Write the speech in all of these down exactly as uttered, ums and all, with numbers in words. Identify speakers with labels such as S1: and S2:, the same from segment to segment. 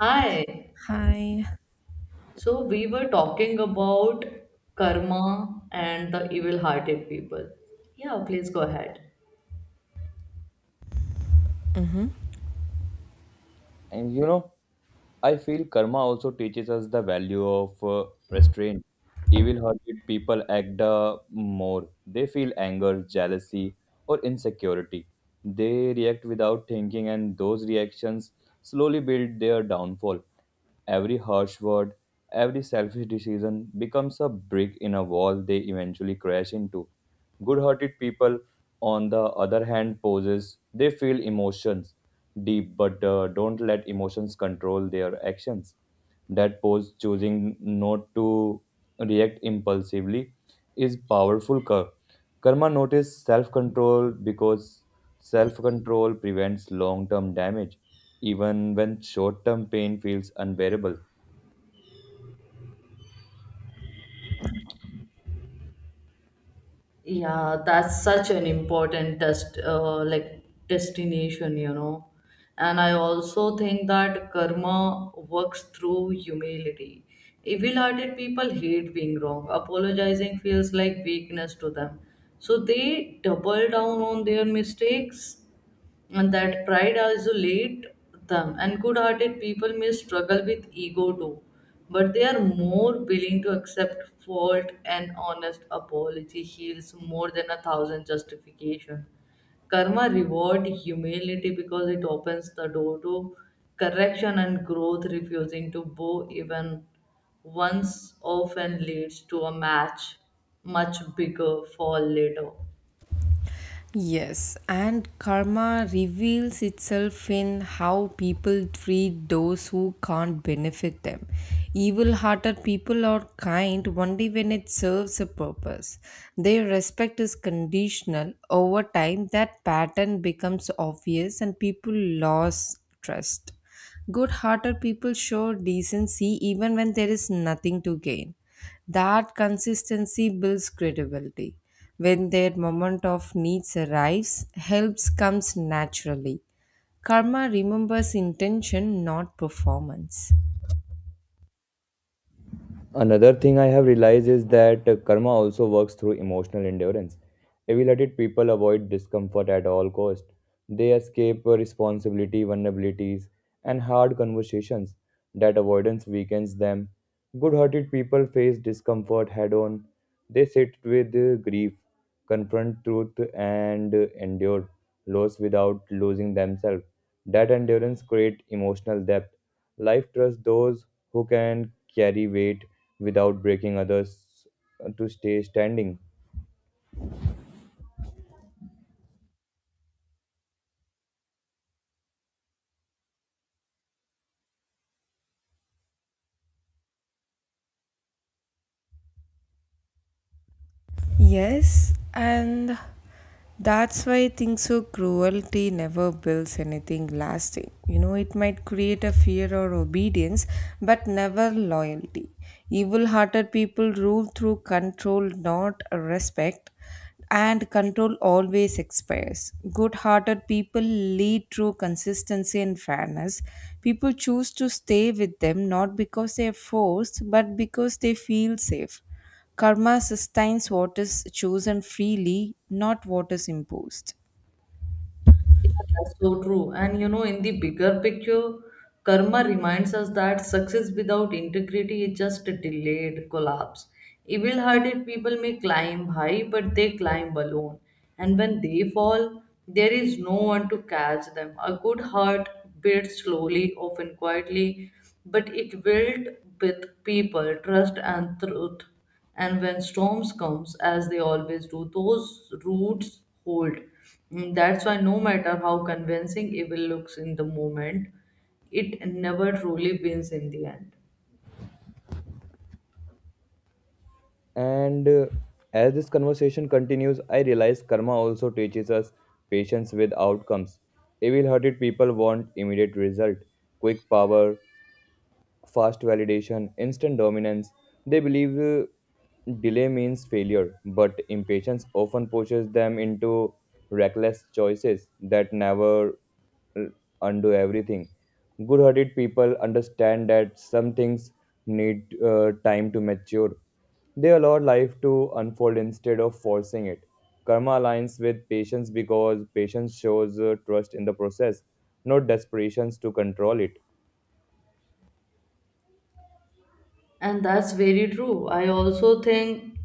S1: Hi.
S2: Hi.
S1: So we were talking about karma and the evil-hearted people. Yeah, please go ahead.
S3: And you know, I feel karma also teaches us the value of uh, restraint. Evil-hearted people act uh, more. They feel anger, jealousy, or insecurity. They react without thinking, and those reactions slowly build their downfall. Every harsh word, every selfish decision becomes a brick in a wall they eventually crash into. Good-hearted people, on the other hand, poses they feel emotions deep but uh, don't let emotions control their actions. That pose choosing not to react impulsively is powerful cur- karma notice self-control because self-control prevents long-term damage even when short term pain feels unbearable.
S1: Yeah, that's such an important test, uh, like destination, you know. And I also think that karma works through humility. Evil-hearted people hate being wrong. Apologizing feels like weakness to them. So they double down on their mistakes, and that pride isolates them, and good hearted people may struggle with ego too, but they are more willing to accept fault. An honest apology heals more than a thousand justification. Karma reward humility because it opens the door to correction and growth, refusing to bow even once often leads to a match much bigger fall later.
S2: Yes, and karma reveals itself in how people treat those who can't benefit them. Evil hearted people are kind only when it serves a purpose. Their respect is conditional. Over time, that pattern becomes obvious and people lose trust. Good hearted people show decency even when there is nothing to gain. That consistency builds credibility. When their moment of needs arrives, helps comes naturally. Karma remembers intention, not performance.
S3: Another thing I have realized is that uh, karma also works through emotional endurance. Evil hearted people avoid discomfort at all cost. They escape uh, responsibility, vulnerabilities, and hard conversations. That avoidance weakens them. Good-hearted people face discomfort head-on. They sit with uh, grief, confront truth, and uh, endure loss without losing themselves. That endurance creates emotional depth. Life trusts those who can carry weight without breaking others uh, to stay standing.
S2: Yes, and that's why I think so cruelty never builds anything lasting. You know, it might create a fear or obedience, but never loyalty. Evil hearted people rule through control, not respect. And control always expires. Good hearted people lead through consistency and fairness. People choose to stay with them not because they are forced, but because they feel safe. Karma sustains what is chosen freely, not what is imposed.
S1: Yeah, that's so true. And you know, in the bigger picture, karma reminds us that success without integrity is just a delayed collapse. Evil hearted people may climb high, but they climb alone. And when they fall, there is no one to catch them. A good heart builds slowly, often quietly, but it built with people, trust, and truth. And when storms comes, as they always do, those roots hold. Mm, that's why, no matter how convincing evil looks in the moment, it never truly wins in the end.
S3: And uh, As this conversation continues, I realize karma also teaches us patience with outcomes. Evil hearted people want immediate result, quick power, fast validation, instant dominance. They believe uh, delay means failure, but impatience often pushes them into reckless choices that never uh, undo everything. Good hearted people understand that some things need uh, time to mature. They allow life to unfold instead of forcing it. Karma aligns with patience because patience shows uh, trust in the process, not desperations to control it.
S1: And that's very true. I also think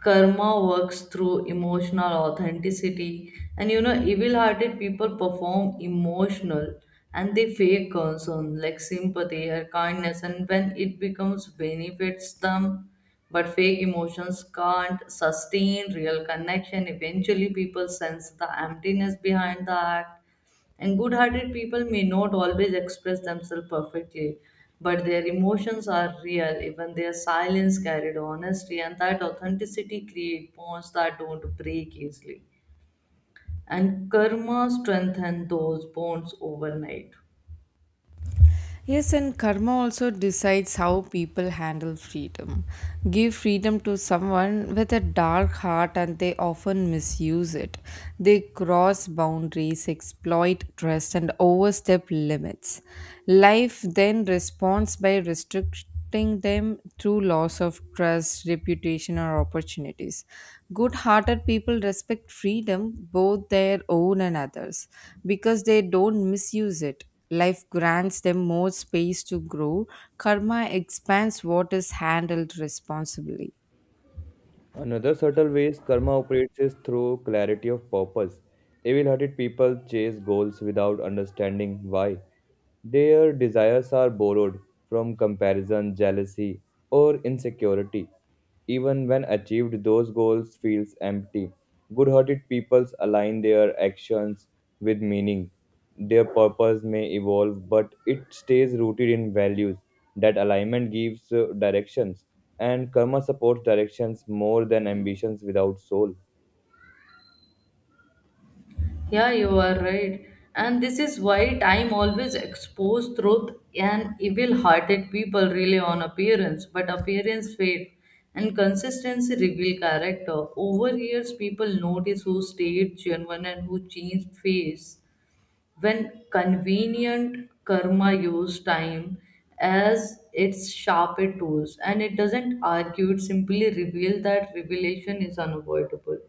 S1: karma works through emotional authenticity, and you know evil hearted people perform emotional, and they fake concern like sympathy or kindness, and when it becomes benefits them, but fake emotions can't sustain real connection. Eventually people sense the emptiness behind the act, and good hearted people may not always express themselves perfectly, but their emotions are real. Even their silence carried honesty, and that authenticity creates bonds that don't break easily. And karma strengthens those bonds overnight.
S2: Yes, and karma also decides how people handle freedom. Give freedom to someone with a dark heart, and they often misuse it. They cross boundaries, exploit trust, and overstep limits. Life then responds by restrict affecting them through loss of trust, reputation, or opportunities. Good hearted people respect freedom, both their own and others, because they don't misuse it. Life grants them more space to grow. Karma expands what is handled responsibly.
S3: Another subtle ways karma operates is through clarity of purpose. Evil hearted people chase goals without understanding why. Their desires are borrowed from comparison, jealousy, or insecurity. Even when achieved, those goals feels empty. Good hearted peoples align their actions with meaning. Their purpose may evolve, but it stays rooted in values. That alignment gives uh, directions and karma supports directions more than ambitions without soul.
S1: Yeah, you are right. And this is why time always exposes truth, and evil hearted people rely on appearance, but appearance fade and consistency reveal character. Over years people notice who stayed genuine and who changed face. When convenient karma use time as its sharpest tools, and it doesn't argue, it simply reveal that revelation is unavoidable.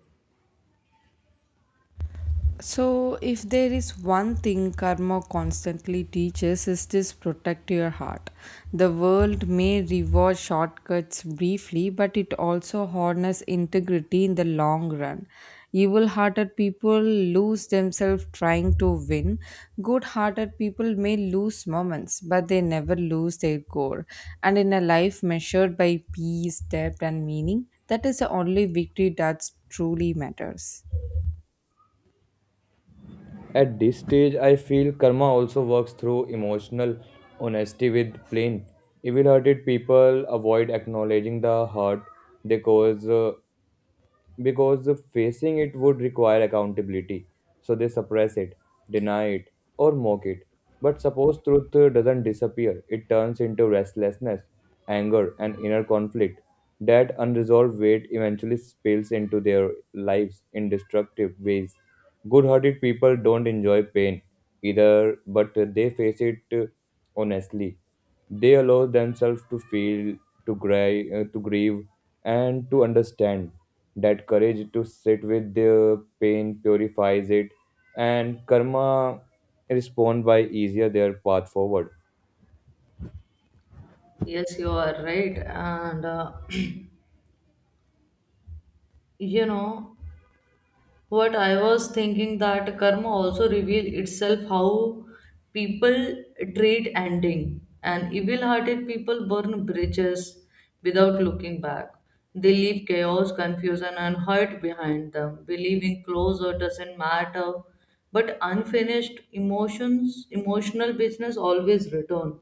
S2: So, if there is one thing karma constantly teaches, is this protect your heart. The world may reward shortcuts briefly, but it also harness integrity in the long run. Evil hearted people lose themselves trying to win. Good hearted people may lose moments, but they never lose their core. And in a life measured by peace, depth, and meaning, that is the only victory that truly matters.
S3: At this stage, I feel karma also works through emotional honesty with plain, evil hearted people avoid acknowledging the hurt they cause uh, because facing it would require accountability. So they suppress it, deny it, or mock it. But suppose truth uh, doesn't disappear, it turns into restlessness, anger, and inner conflict. That unresolved weight eventually spills into their lives in destructive ways. Good hearted people don't enjoy pain either, but they face it uh, honestly. They allow themselves to feel, to grieve, uh, to grieve, and to understand. That courage to sit with their pain purifies it, and karma respond by easier their path forward.
S1: Yes, you are right. And uh, you know what I was thinking, that karma also reveal itself how people treat ending, and evil hearted people burn bridges without looking back. They leave chaos, confusion, and hurt behind them, believing closure doesn't matter, but unfinished emotions emotional business always return,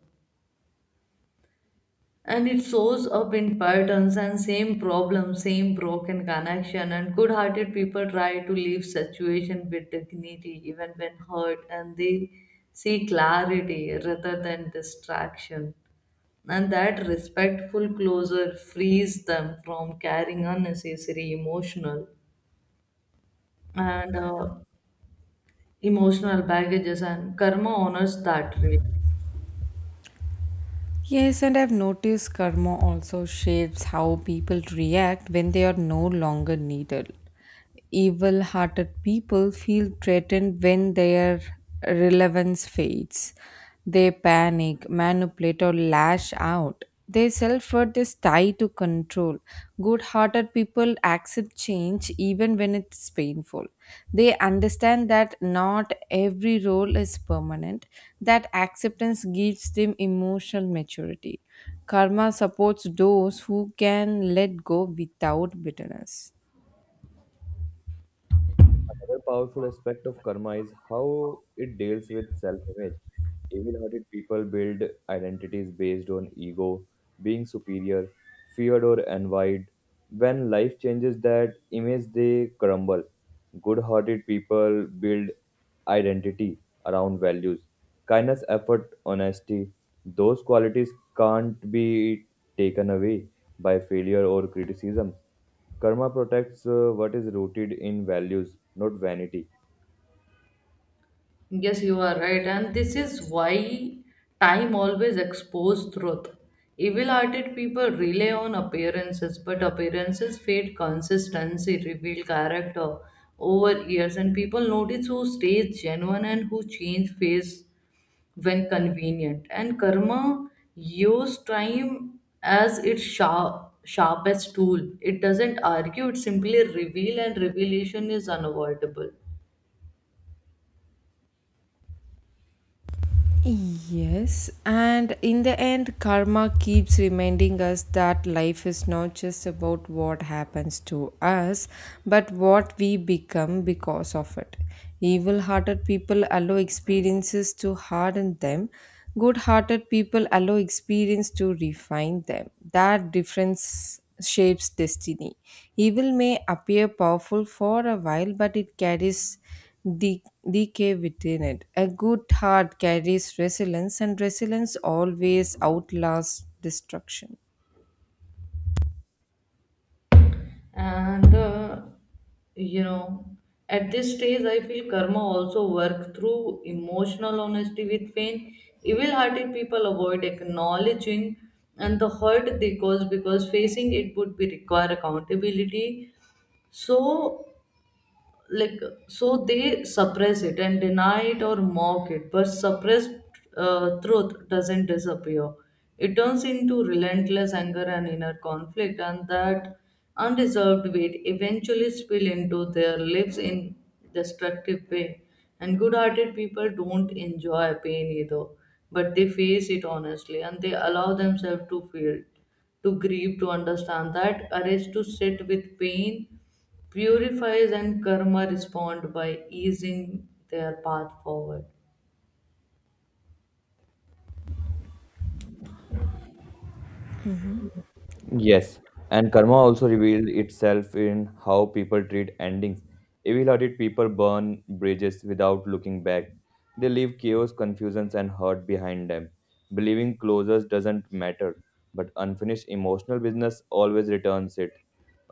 S1: and it shows up in patterns, and same problem, same broken connection. And good-hearted people try to leave situation with dignity even when hurt, and they see clarity rather than distraction, and that respectful closure frees them from carrying unnecessary emotional, and uh, emotional baggages, and karma honors that really.
S2: Yes, and I've noticed karma also shapes how people react when they are no longer needed. Evil hearted people feel threatened when their relevance fades. They panic, manipulate, or lash out. Their self worth is tied to control. Good hearted people accept change even when it's painful. They understand that not every role is permanent, that acceptance gives them emotional maturity. Karma supports those who can let go without bitterness.
S3: Another powerful aspect of karma is how it deals with self image. Evil hearted people build identities based on ego, being superior, feared or envied. When life changes that image, they crumble. Good hearted people build identity around values, kindness, effort, honesty. Those qualities can't be taken away by failure or criticism. Karma protects uh, what is rooted in values, not vanity.
S1: Yes, you are right, and this is why time always exposes truth. Evil hearted people rely on appearances, but appearances fade, consistency reveal character over years, and people notice who stays genuine and who change face when convenient. And karma use time as its sharp, sharpest tool. It doesn't argue, it simply reveal, and revelation is unavoidable.
S2: Yes, and in the end, karma keeps reminding us that life is not just about what happens to us, but what we become because of it. Evil hearted people allow experiences to harden them, good hearted people allow experience to refine them. That difference shapes destiny. Evil may appear powerful for a while, but it carries the decay within it. A good heart carries resilience, and resilience always outlasts destruction.
S1: and uh, you know, at this stage I feel karma also work through emotional honesty with pain. Evil hearted people avoid acknowledging and the hurt they cause, because facing it would be require accountability. So like so they suppress it, and deny it, or mock it, but suppressed uh, truth doesn't disappear, it turns into relentless anger and inner conflict, and that undeserved weight eventually spill into their lives in destructive way. And good-hearted people don't enjoy pain either, but they face it honestly, and they allow themselves to feel, to grieve, to understand. That courage to sit with pain purifies, and karma respond by easing their path forward.
S3: Yes, and karma also revealed itself in how people treat endings. Evil-hearted people burn bridges without looking back. They leave chaos, confusions, and hurt behind them. Believing closures doesn't matter, but unfinished emotional business always returns it.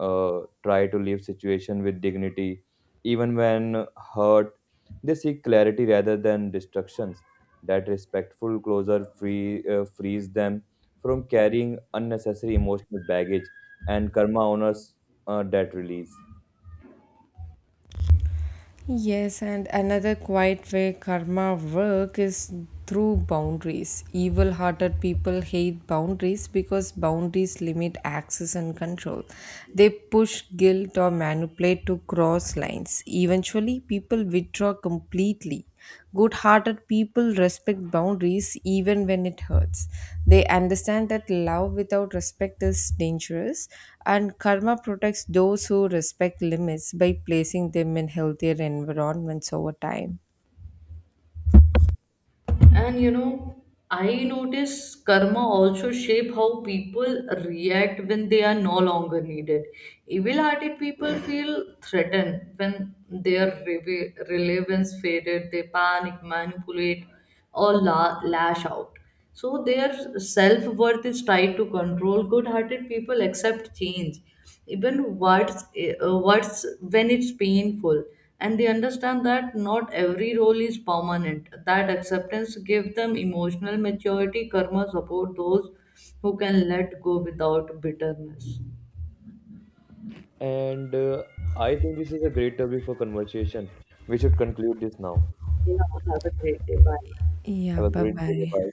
S3: Uh, try to leave situation with dignity, even when hurt. They seek clarity rather than destructions. That respectful closure free, uh, frees them from carrying unnecessary emotional baggage and karma honors uh, that release.
S2: Yes, and another quiet way karma work is through boundaries. Evil hearted people hate boundaries because boundaries limit access and control. They push guilt or manipulate to cross lines. Eventually, people withdraw completely. Good hearted people respect boundaries even when it hurts. They understand that love without respect is dangerous, and karma protects those who respect limits by placing them in healthier environments over time.
S1: And you know, I notice karma also shape how people react when they are no longer needed. Evil hearted people feel threatened when their reve- relevance faded. They panic, manipulate, or la- lash out. So their self worth is tied to control. Good hearted people accept change, even what's, uh, what's when it's painful. And they understand that not every role is permanent. That acceptance gives them emotional maturity. Karma support those who can let go without bitterness.
S3: And uh, I think this is a great topic for conversation. We should conclude this now.
S1: You know, have a great day. Bye.
S2: Yeah,
S3: Have a
S2: bye
S3: great day. Bye.
S2: bye.